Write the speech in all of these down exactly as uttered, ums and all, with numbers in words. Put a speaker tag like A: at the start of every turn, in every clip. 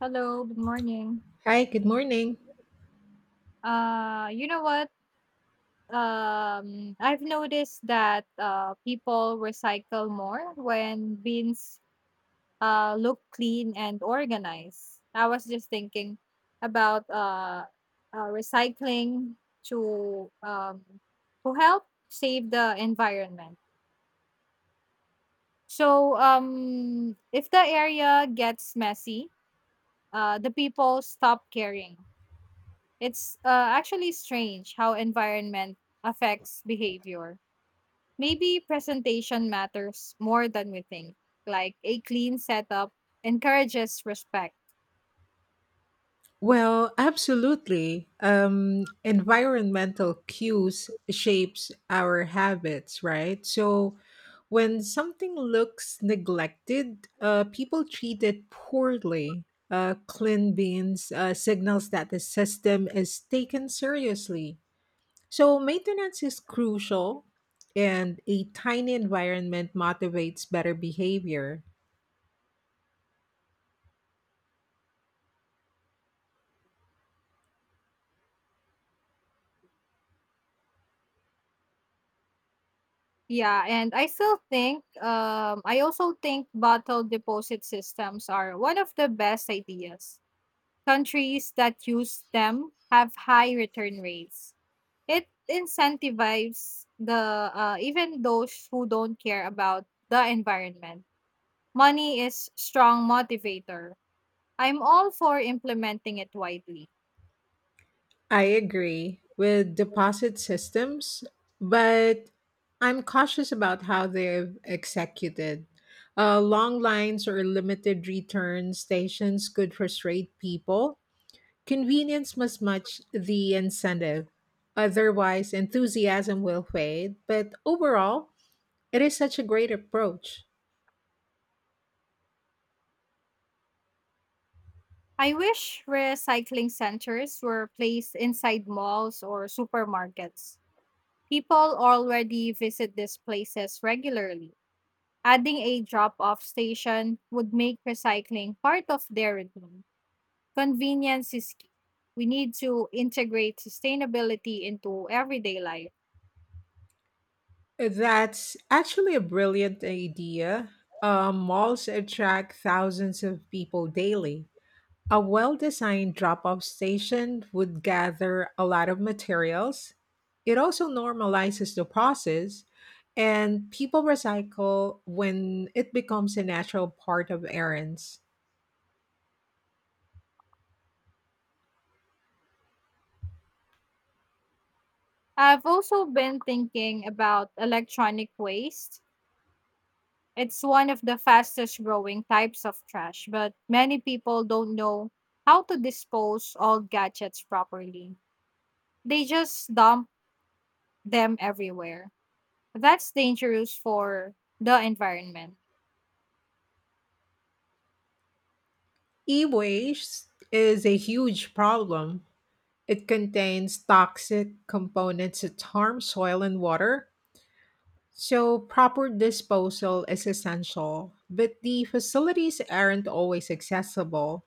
A: Hello, good morning.
B: Hi, good morning.
A: Uh, you know what? Um, I've noticed that uh, people recycle more when bins uh, look clean and organized. I was just thinking about uh, uh, recycling to um, to help save the environment. So, um, if the area gets messy, uh, the people stop caring. It's uh, actually strange how environment affects behavior. Maybe presentation matters more than we think. Like a clean setup encourages respect.
B: Well, absolutely. Um, environmental cues shapes our habits, right? So when something looks neglected, uh, people treat it poorly. Uh, clean beans uh, signals that the system is taken seriously. So maintenance is crucial, and a tiny environment motivates better behavior.
A: Yeah, and I still think um I also think bottle deposit systems are one of the best ideas. Countries that use them have high return rates. It incentivizes the uh, even those who don't care about the environment. Money is strong motivator. I'm all for implementing it widely.
B: I agree with deposit systems, but I'm cautious about how they're executed. Uh, long lines or limited return stations could frustrate people. Convenience must match the incentive. Otherwise, enthusiasm will fade. But overall, it is such a great approach.
A: I wish recycling centers were placed inside malls or supermarkets. People already visit these places regularly. Adding a drop off station would make recycling part of their routine. Convenience is key. We need to integrate sustainability into everyday life.
B: That's actually a brilliant idea. Uh, malls attract thousands of people daily. A well designed drop off station would gather a lot of materials. It also normalizes the process, and people recycle when it becomes a natural part of errands.
A: I've also been thinking about electronic waste. It's one of the fastest growing types of trash, but many people don't know how to dispose old gadgets properly. They just dump them everywhere. That's dangerous for the environment.
B: E waste is a huge problem. It contains toxic components that harm soil and water. So, proper disposal is essential, but the facilities aren't always accessible.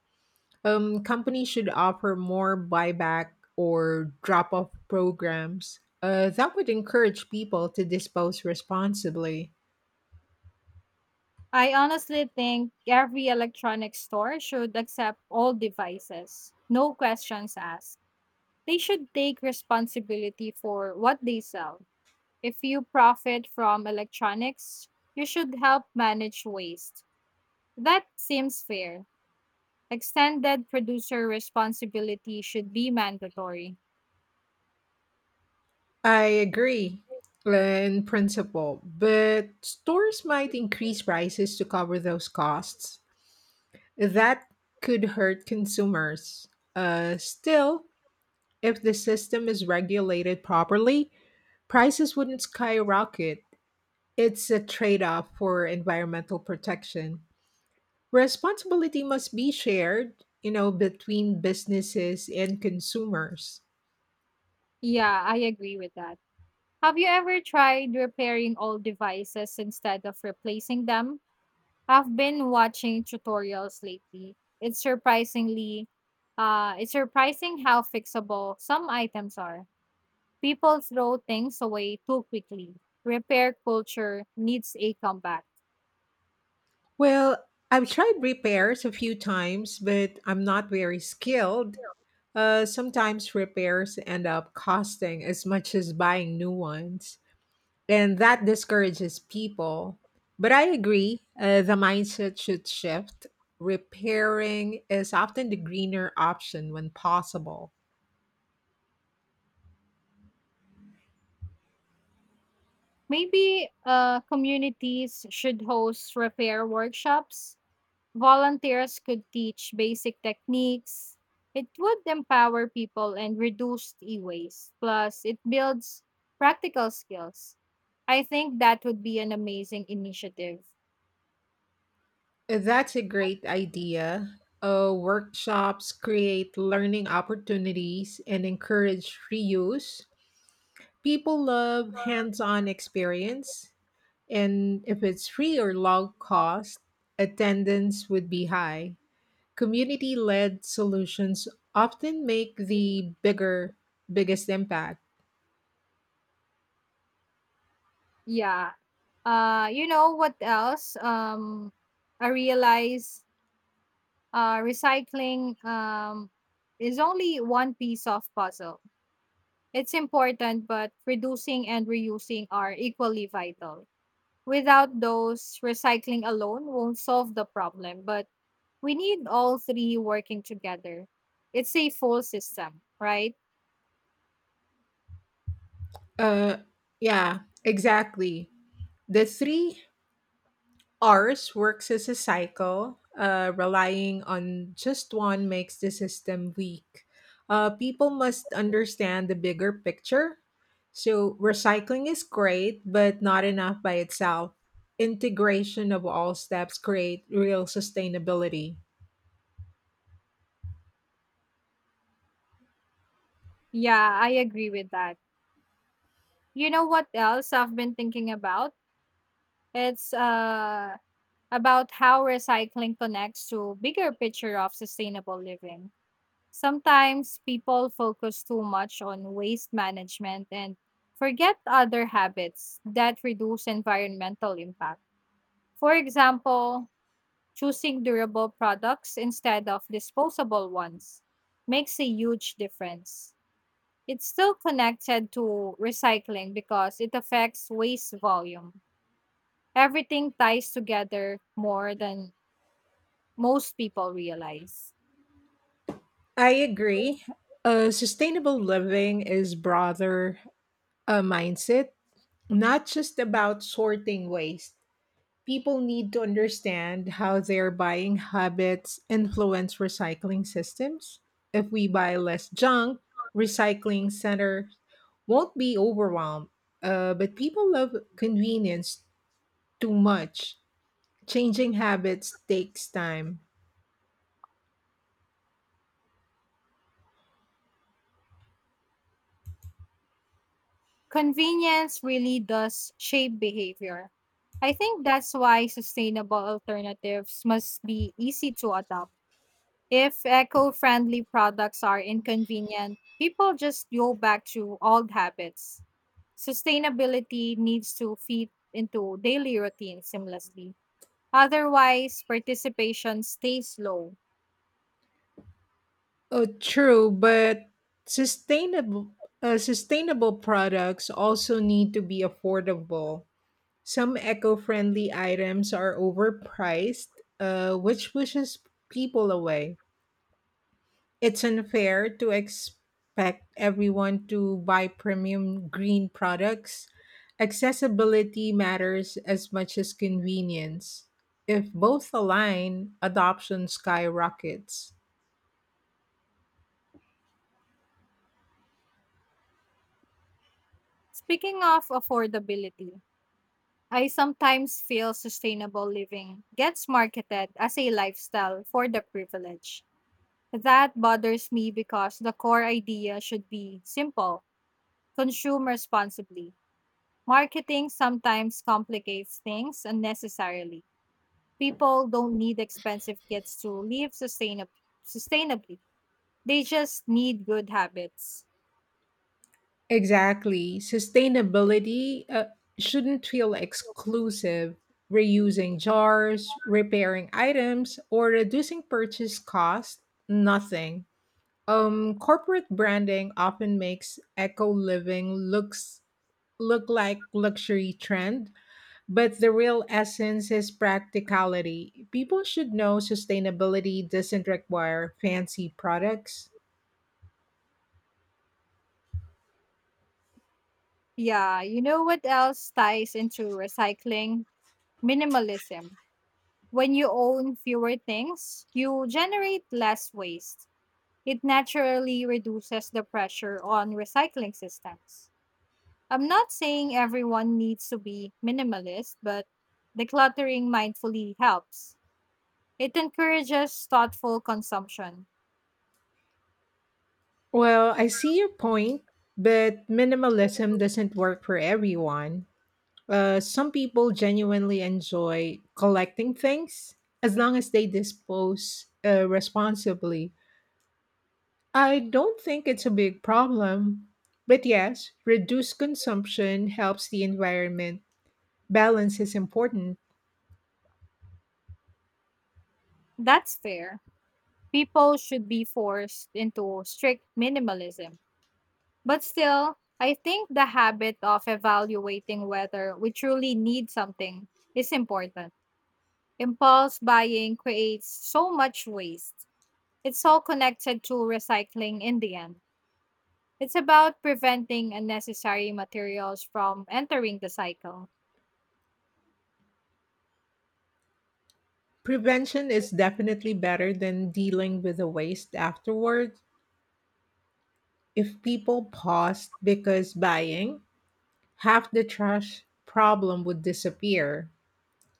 B: Um, companies should offer more buyback or drop off programs. Uh, that would encourage people to dispose responsibly.
A: I honestly think every electronic store should accept all devices, no questions asked. They should take responsibility for what they sell. If you profit from electronics, you should help manage waste. That seems fair. Extended producer responsibility should be mandatory.
B: I agree uh, in principle, but stores might increase prices to cover those costs. That could hurt consumers. Uh, still, if the system is regulated properly, prices wouldn't skyrocket. It's a trade off for environmental protection. Responsibility must be shared, you know, between businesses and consumers.
A: Yeah, I agree with that. Have you ever tried repairing old devices instead of replacing them? I've been watching tutorials lately. It's surprisingly uh it's surprising how fixable some items are. People throw things away too quickly. Repair culture needs a comeback.
B: Well, I've tried repairs a few times, but I'm not very skilled. Uh, sometimes repairs end up costing as much as buying new ones, and that discourages people. But I agree, uh, the mindset should shift. Repairing is often the greener option when possible.
A: Maybe uh, communities should host repair workshops. Volunteers could teach basic techniques. It would empower people and reduce e waste. Plus, it builds practical skills. I think that would be an amazing initiative.
B: That's a great idea. Uh, workshops create learning opportunities and encourage reuse. People love hands on experience, and if it's free or low cost, attendance would be high. Community led solutions often make the bigger, biggest impact.
A: Yeah. Uh, you know what else? Um, I realize uh, recycling um, is only one piece of puzzle. It's important, but reducing and reusing are equally vital. Without those, recycling alone won't solve the problem, but we need all three working together. It's a full system, right?
B: Uh, yeah, exactly. The three Ours works as a cycle. Uh, relying on just one makes the system weak. Uh, people must understand the bigger picture. So, recycling is great, but not enough by itself. Integration of all steps create real sustainability.
A: Yeah, I agree with that. You know what else I've been thinking about? It's uh about how recycling connects to bigger picture of sustainable living. Sometimes people focus too much on waste management and forget other habits that reduce environmental impact. For example, choosing durable products instead of disposable ones makes a huge difference. It's still connected to recycling because it affects waste volume. Everything ties together more than most people realize.
B: I agree. Uh, sustainable living is broader, a mindset, not just about sorting waste. People need to understand how their buying habits influence recycling systems. If we buy less junk, recycling centers won't be overwhelmed. Uh, but people love convenience too much. Changing habits takes time.
A: Convenience really does shape behavior. I think that's why sustainable alternatives must be easy to adopt. If eco friendly products are inconvenient, people just go back to old habits. Sustainability needs to fit into daily routine seamlessly. Otherwise, participation stays low.
B: Oh, true, but sustainable uh, sustainable products also need to be affordable. Some eco-friendly items are overpriced, uh, which pushes people away. It's unfair to expect everyone to buy premium green products. Accessibility matters as much as convenience. If both align, adoption skyrockets.
A: Speaking of affordability, I sometimes feel sustainable living gets marketed as a lifestyle for the privileged. That bothers me because the core idea should be simple, consume responsibly. Marketing sometimes complicates things unnecessarily. People don't need expensive kits to live sustainab- sustainably, they just need good habits.
B: Exactly. Sustainability uh, shouldn't feel exclusive. Reusing jars, repairing items, or reducing purchase cost, nothing. Um, corporate branding often makes eco living looks look like luxury trend, but the real essence is practicality. People should know sustainability doesn't require fancy products.
A: Yeah, you know what else ties into recycling? Minimalism. When you own fewer things, you generate less waste. It naturally reduces the pressure on recycling systems. I'm not saying everyone needs to be minimalist, but decluttering mindfully helps. It encourages thoughtful consumption.
B: Well, I see your point, but minimalism doesn't work for everyone. Uh, some people genuinely enjoy collecting things as long as they dispose uh, responsibly. I don't think it's a big problem. But yes, reduced consumption helps the environment. Balance is important.
A: That's fair. People should be forced into strict minimalism. But still, I think the habit of evaluating whether we truly need something is important. Impulse buying creates so much waste. It's all connected to recycling in the end. It's about preventing unnecessary materials from entering the cycle.
B: Prevention is definitely better than dealing with the waste afterward. If people paused because buying, half the trash problem would disappear.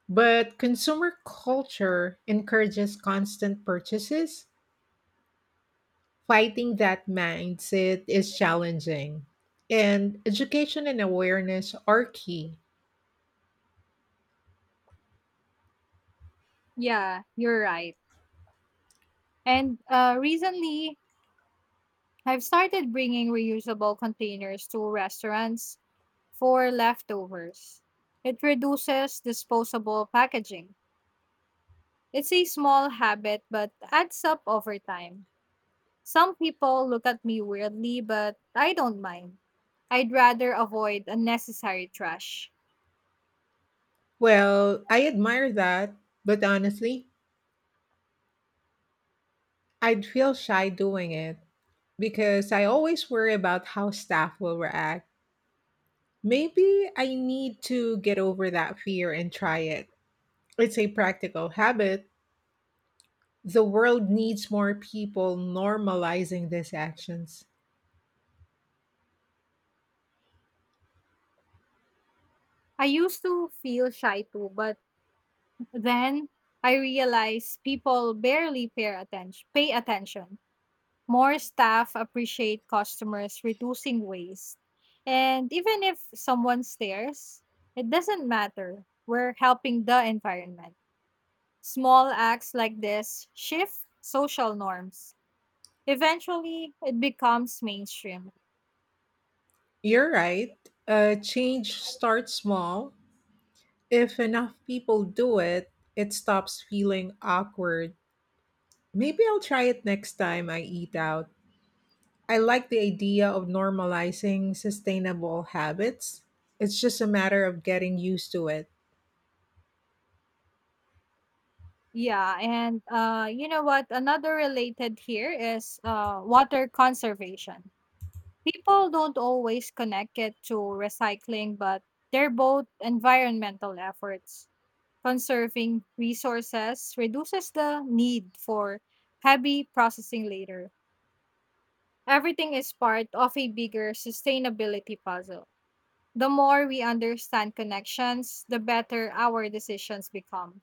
B: But consumer culture encourages constant purchases. Fighting that mindset is challenging, and education and awareness are key.
A: Yeah, you're right. And uh, recently, I've started bringing reusable containers to restaurants for leftovers. It reduces disposable packaging. It's a small habit, but adds up over time. Some people look at me weirdly, but I don't mind. I'd rather avoid unnecessary trash.
B: Well, I admire that, but honestly, I'd feel shy doing it because I always worry about how staff will react. Maybe I need to get over that fear and try it. It's a practical habit. The world needs more people normalizing these actions.
A: I used to feel shy too, but then I realized people barely pay attention. Pay attention. More staff appreciate customers reducing waste. And even if someone stares, it doesn't matter. We're helping the environment. Small acts like this shift social norms. Eventually, it becomes mainstream.
B: You're right. Uh, change starts small. If enough people do it, it stops feeling awkward. Maybe I'll try it next time I eat out. I like the idea of normalizing sustainable habits. It's just a matter of getting used to it.
A: Yeah, and uh, you know what? Another related here is uh, water conservation. People don't always connect it to recycling, but they're both environmental efforts. Conserving resources reduces the need for heavy processing later. Everything is part of a bigger sustainability puzzle. The more we understand connections, the better our decisions become.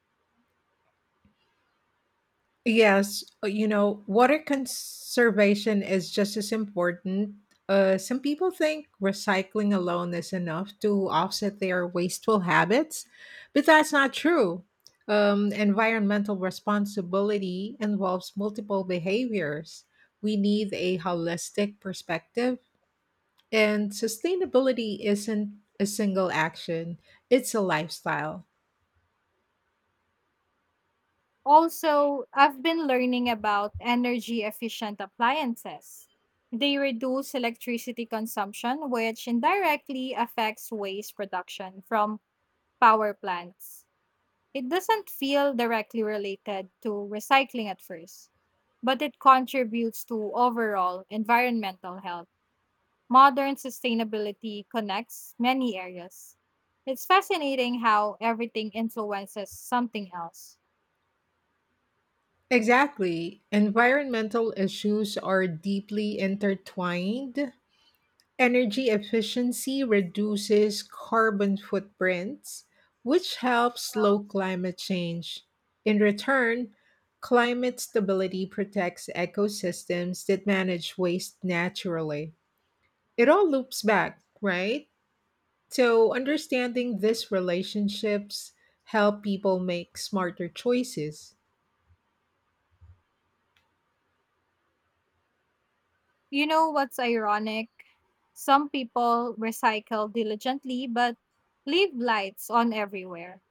B: Yes, uh, you know, water conservation is just as important. Uh, some people think recycling alone is enough to offset their wasteful habits, but that's not true. Um, environmental responsibility involves multiple behaviors. We need a holistic perspective, and sustainability isn't a single action, it's a lifestyle.
A: Also, I've been learning about energy efficient appliances. They reduce electricity consumption, which indirectly affects waste production from power plants. It doesn't feel directly related to recycling at first, but it contributes to overall environmental health. Modern sustainability connects many areas. It's fascinating how everything influences something else.
B: Exactly. Environmental issues are deeply intertwined. Energy efficiency reduces carbon footprints, which helps slow climate change. In return, climate stability protects ecosystems that manage waste naturally. It all loops back, right? So, understanding these relationships help people make smarter choices.
A: You know what's ironic? Some people recycle diligently but leave lights on everywhere.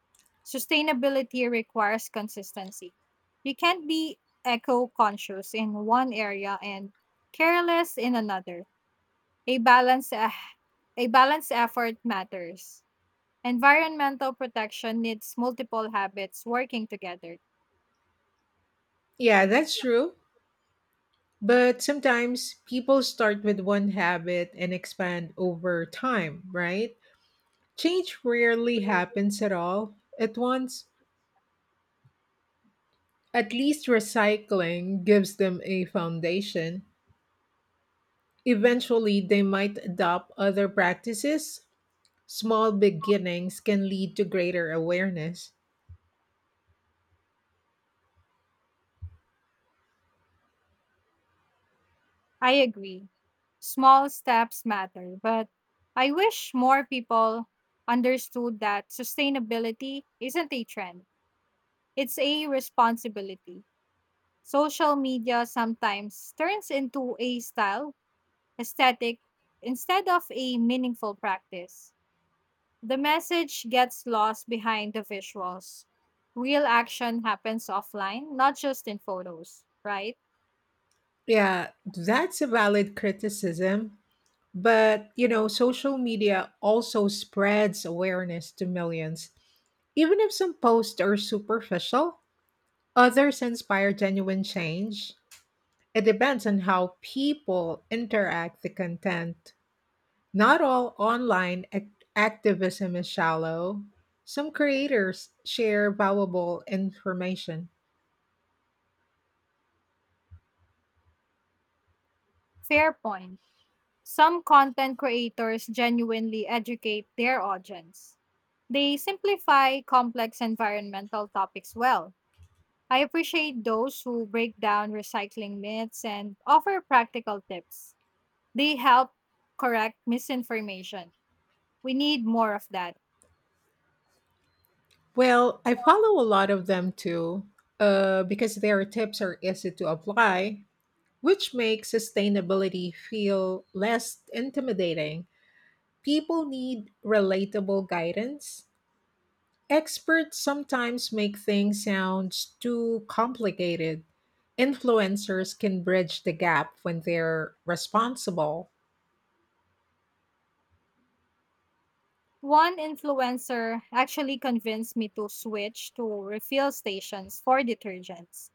A: Sustainability requires consistency. You can't be eco conscious in one area and careless in another. A balance eh, a balanced effort matters. Environmental protection needs multiple habits working together.
B: Yeah, that's true. But sometimes people start with one habit and expand over time, right? Change rarely happens at all at once. At least recycling gives them a foundation. Eventually, they might adopt other practices. Small beginnings can lead to greater awareness.
A: I agree. Small steps matter, but I wish more people understood that sustainability isn't a trend, it's a responsibility. Social media sometimes turns into a style, aesthetic, instead of a meaningful practice. The message gets lost behind the visuals. Real action happens offline, not just in photos, right?
B: Yeah, that's a valid criticism. But, you know, social media also spreads awareness to millions. Even if some posts are superficial, others inspire genuine change. It depends on how people interact the content. Not all online ac- activism is shallow. Some creators share valuable information.
A: Fair point. Some content creators genuinely educate their audience. They simplify complex environmental topics well. I appreciate those who break down recycling myths and offer practical tips. They help correct misinformation. We need more of that.
B: Well, I follow a lot of them too, uh, because their tips are easy to apply, which makes sustainability feel less intimidating. People need relatable guidance. Experts sometimes make things sound too complicated. Influencers can bridge the gap when they're responsible.
A: One influencer actually convinced me to switch to refill stations for detergents.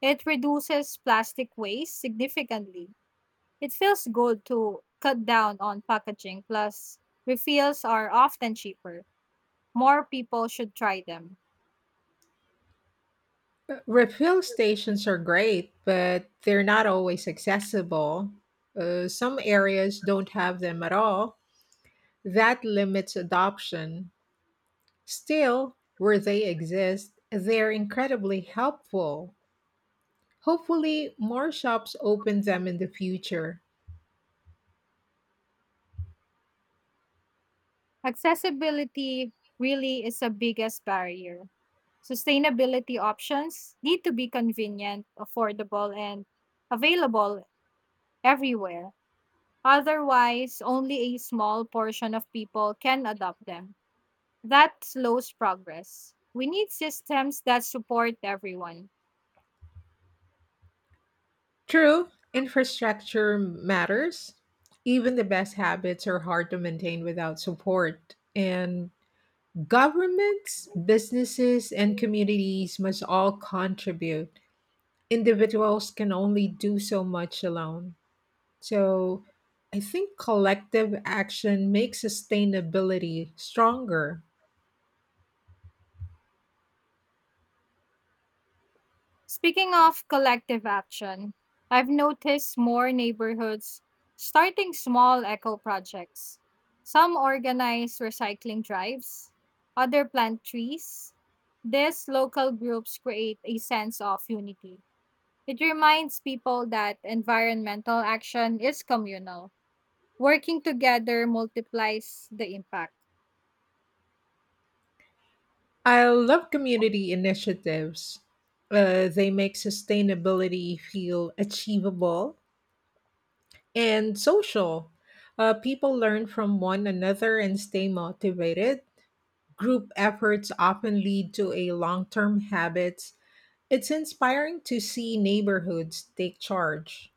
A: It reduces plastic waste significantly. It feels good to cut down on packaging, plus, refills are often cheaper. More people should try them.
B: Uh, Refill stations are great, but they're not always accessible. Uh, some areas don't have them at all. That limits adoption. Still, where they exist, they're incredibly helpful. Hopefully, more shops open them in the future.
A: Accessibility really is the biggest barrier. Sustainability options need to be convenient, affordable, and available everywhere. Otherwise, only a small portion of people can adopt them. That slows progress. We need systems that support everyone.
B: True, infrastructure matters. Even the best habits are hard to maintain without support. And governments, businesses, and communities must all contribute. Individuals can only do so much alone. So I think collective action makes sustainability stronger.
A: Speaking of collective action, I've noticed more neighborhoods starting small eco projects. Some organize recycling drives, other plant trees. These local groups create a sense of unity. It reminds people that environmental action is communal. Working together multiplies the impact.
B: I love community initiatives. Uh, they make sustainability feel achievable and social. Uh, people learn from one another and stay motivated. Group efforts often lead to a long term habits. It's inspiring to see neighborhoods take charge.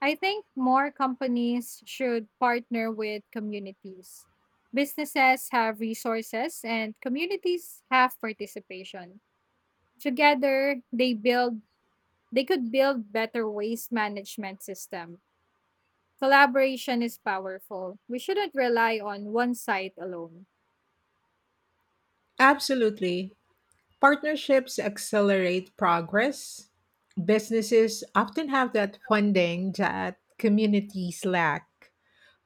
A: I think more companies should partner with communities. Businesses have resources and communities have participation. Together, they build they could build better waste management system. Collaboration is powerful. We shouldn't rely on one side alone.
B: Absolutely. Partnerships accelerate progress. Businesses often have that funding that communities lack.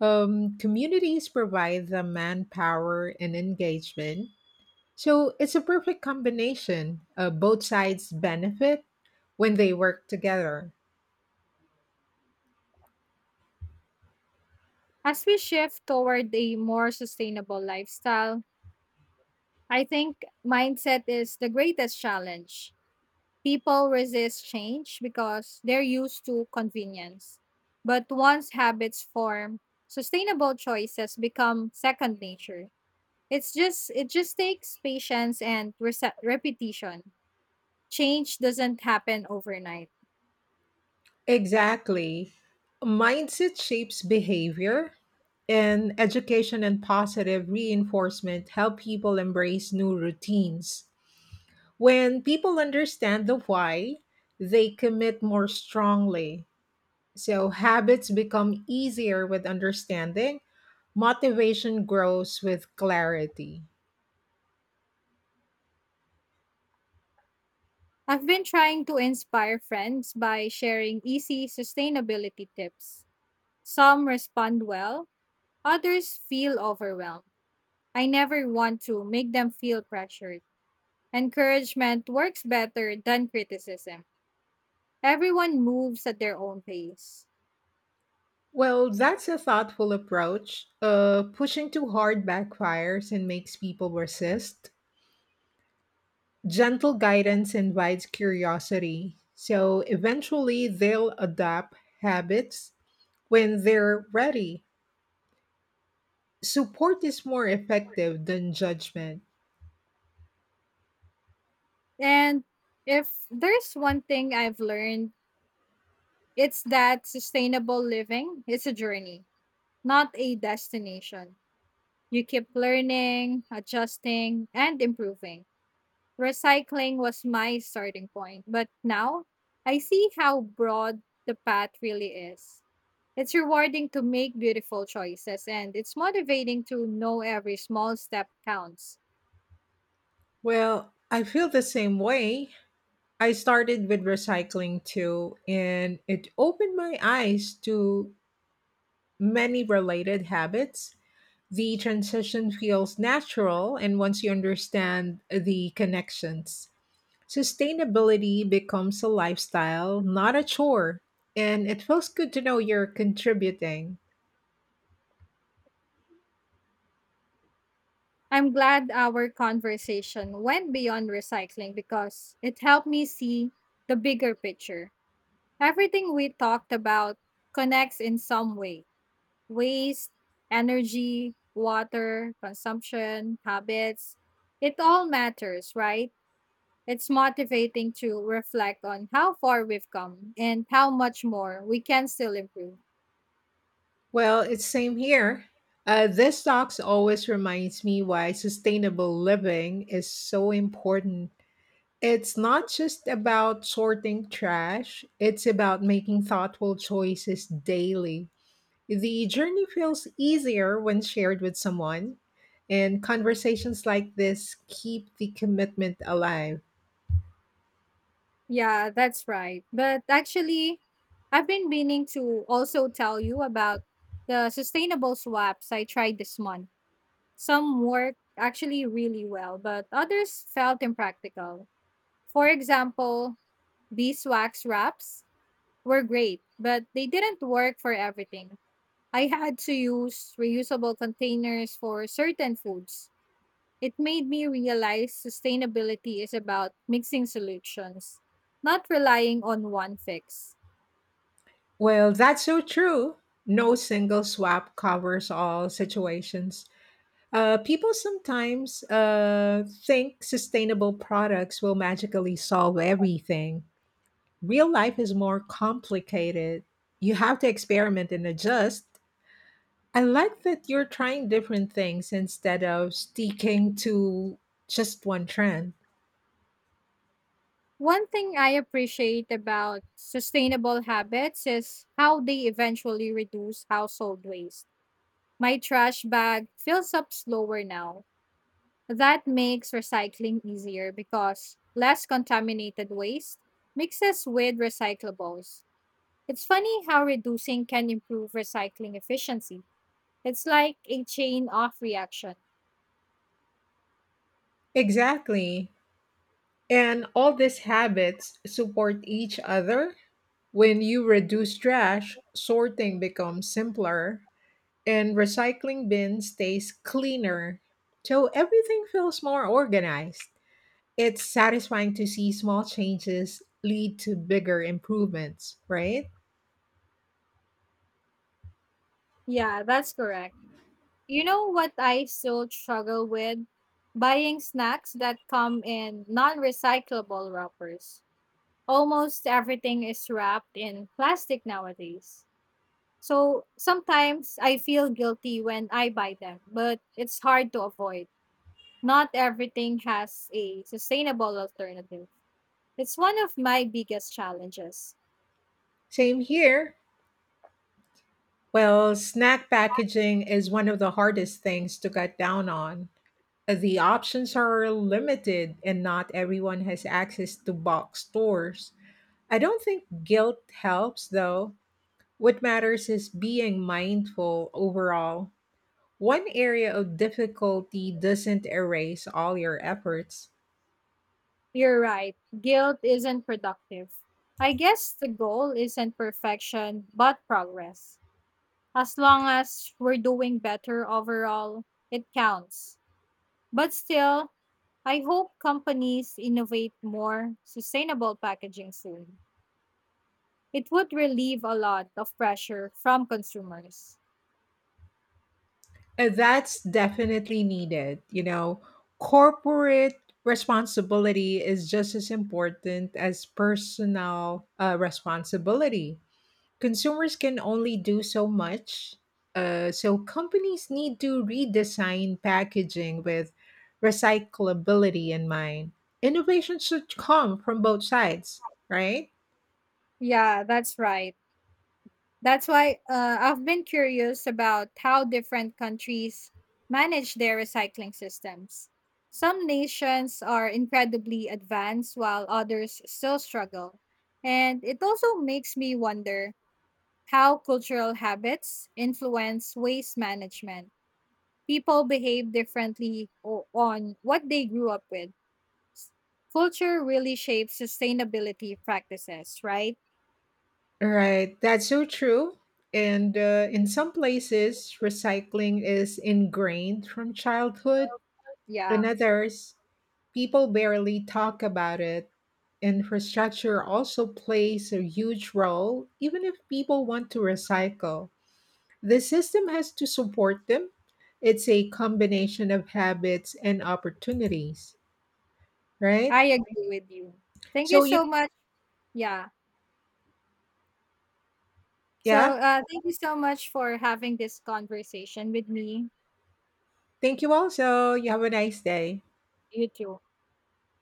B: Um, communities provide the manpower and engagement. So it's a perfect combination. Uh, both sides benefit when they work together.
A: As we shift toward a more sustainable lifestyle, I think mindset is the greatest challenge. People resist change because they're used to convenience. But once habits form, sustainable choices become second nature. It's just it just takes patience and rese- repetition. Change doesn't happen overnight.
B: Exactly. Mindset shapes behavior, and education and positive reinforcement help people embrace new routines. When people understand the why, they commit more strongly. So habits become easier with understanding, motivation grows with clarity.
A: I've been trying to inspire friends by sharing easy sustainability tips. Some respond well, others feel overwhelmed. I never want to make them feel pressured. Encouragement works better than criticism. Everyone moves at their own pace.
B: Well, that's a thoughtful approach. Uh, pushing too hard backfires and makes people resist. Gentle guidance invites curiosity. So eventually they'll adopt habits when they're ready. Support is more effective than judgment.
A: And if there's one thing I've learned, it's that sustainable living is a journey, not a destination. You keep learning, adjusting, and improving. Recycling was my starting point, but now I see how broad the path really is. It's rewarding to make beautiful choices and it's motivating to know every small step counts.
B: Well, I feel the same way. I started with recycling too, and it opened my eyes to many related habits. The transition feels natural, and once you understand the connections. Sustainability becomes a lifestyle, not a chore, and it feels good to know you're contributing.
A: I'm glad our conversation went beyond recycling because it helped me see the bigger picture. Everything we talked about connects in some way, waste, energy, water, consumption, habits. It all matters, right? It's motivating to reflect on how far we've come and how much more we can still improve.
B: Well, it's same here. Uh, this talks always reminds me why sustainable living is so important. It's not just about sorting trash, it's about making thoughtful choices daily. The journey feels easier when shared with someone, and conversations like this keep the commitment alive.
A: Yeah, that's right. But actually, I've been meaning to also tell you about the sustainable swaps I tried this month. Some worked actually really well, but others felt impractical. For example, beeswax wraps were great, but they didn't work for everything. I had to use reusable containers for certain foods. It made me realize sustainability is about mixing solutions, not relying on one fix.
B: Well, that's so true. No single swap covers all situations. Uh, people sometimes uh, think sustainable products will magically solve everything. Real life is more complicated. You have to experiment and adjust. I like that you're trying different things instead of sticking to just one trend.
A: One thing I appreciate about sustainable habits is how they eventually reduce household waste. My trash bag fills up slower now. That makes recycling easier because less contaminated waste mixes with recyclables. It's funny how reducing can improve recycling efficiency. It's like a chain of reaction.
B: Exactly. And all these habits support each other. When you reduce trash, sorting becomes simpler, and recycling bin stays cleaner. So everything feels more organized. It's satisfying to see small changes lead to bigger improvements, right?
A: Yeah, that's correct. You know what I still struggle with? Buying snacks that come in non recyclable wrappers. Almost everything is wrapped in plastic nowadays. So sometimes I feel guilty when I buy them, but it's hard to avoid. Not everything has a sustainable alternative. It's one of my biggest challenges.
B: Same here. Well, snack packaging is one of the hardest things to cut down on. The options are limited, and not everyone has access to box stores. I don't think guilt helps, though. What matters is being mindful overall. One area of difficulty doesn't erase all your efforts.
A: You're right. Guilt isn't productive. I guess the goal isn't perfection, but progress. As long as we're doing better overall, it counts. But still, I hope companies innovate more sustainable packaging soon. It would relieve a lot of pressure from consumers.
B: And that's definitely needed. You know, corporate responsibility is just as important as personal uh, responsibility. Consumers can only do so much. Uh, so companies need to redesign packaging with recyclability in mind. Innovation should come from both sides, right?
A: Yeah, that's right. That's why uh, I've been curious about how different countries manage their recycling systems. Some nations are incredibly advanced while others still struggle. And it also makes me wonder how cultural habits influence waste management. People behave differently o- on what they grew up with. Culture really shapes sustainability practices, right?
B: Right, that's so true. And uh, in some places, recycling is ingrained from childhood. In
A: Yeah,
B: others, people barely talk about it. Infrastructure also plays a huge role, even if people want to recycle. The system has to support them. It's a combination of habits and opportunities, right?
A: I agree with you. Thank you
B: So, you,
A: so much. Yeah. So
B: yeah,
A: uh, thank you so much for having this conversation with me.
B: thank you all. So, you have a nice day.
A: You too.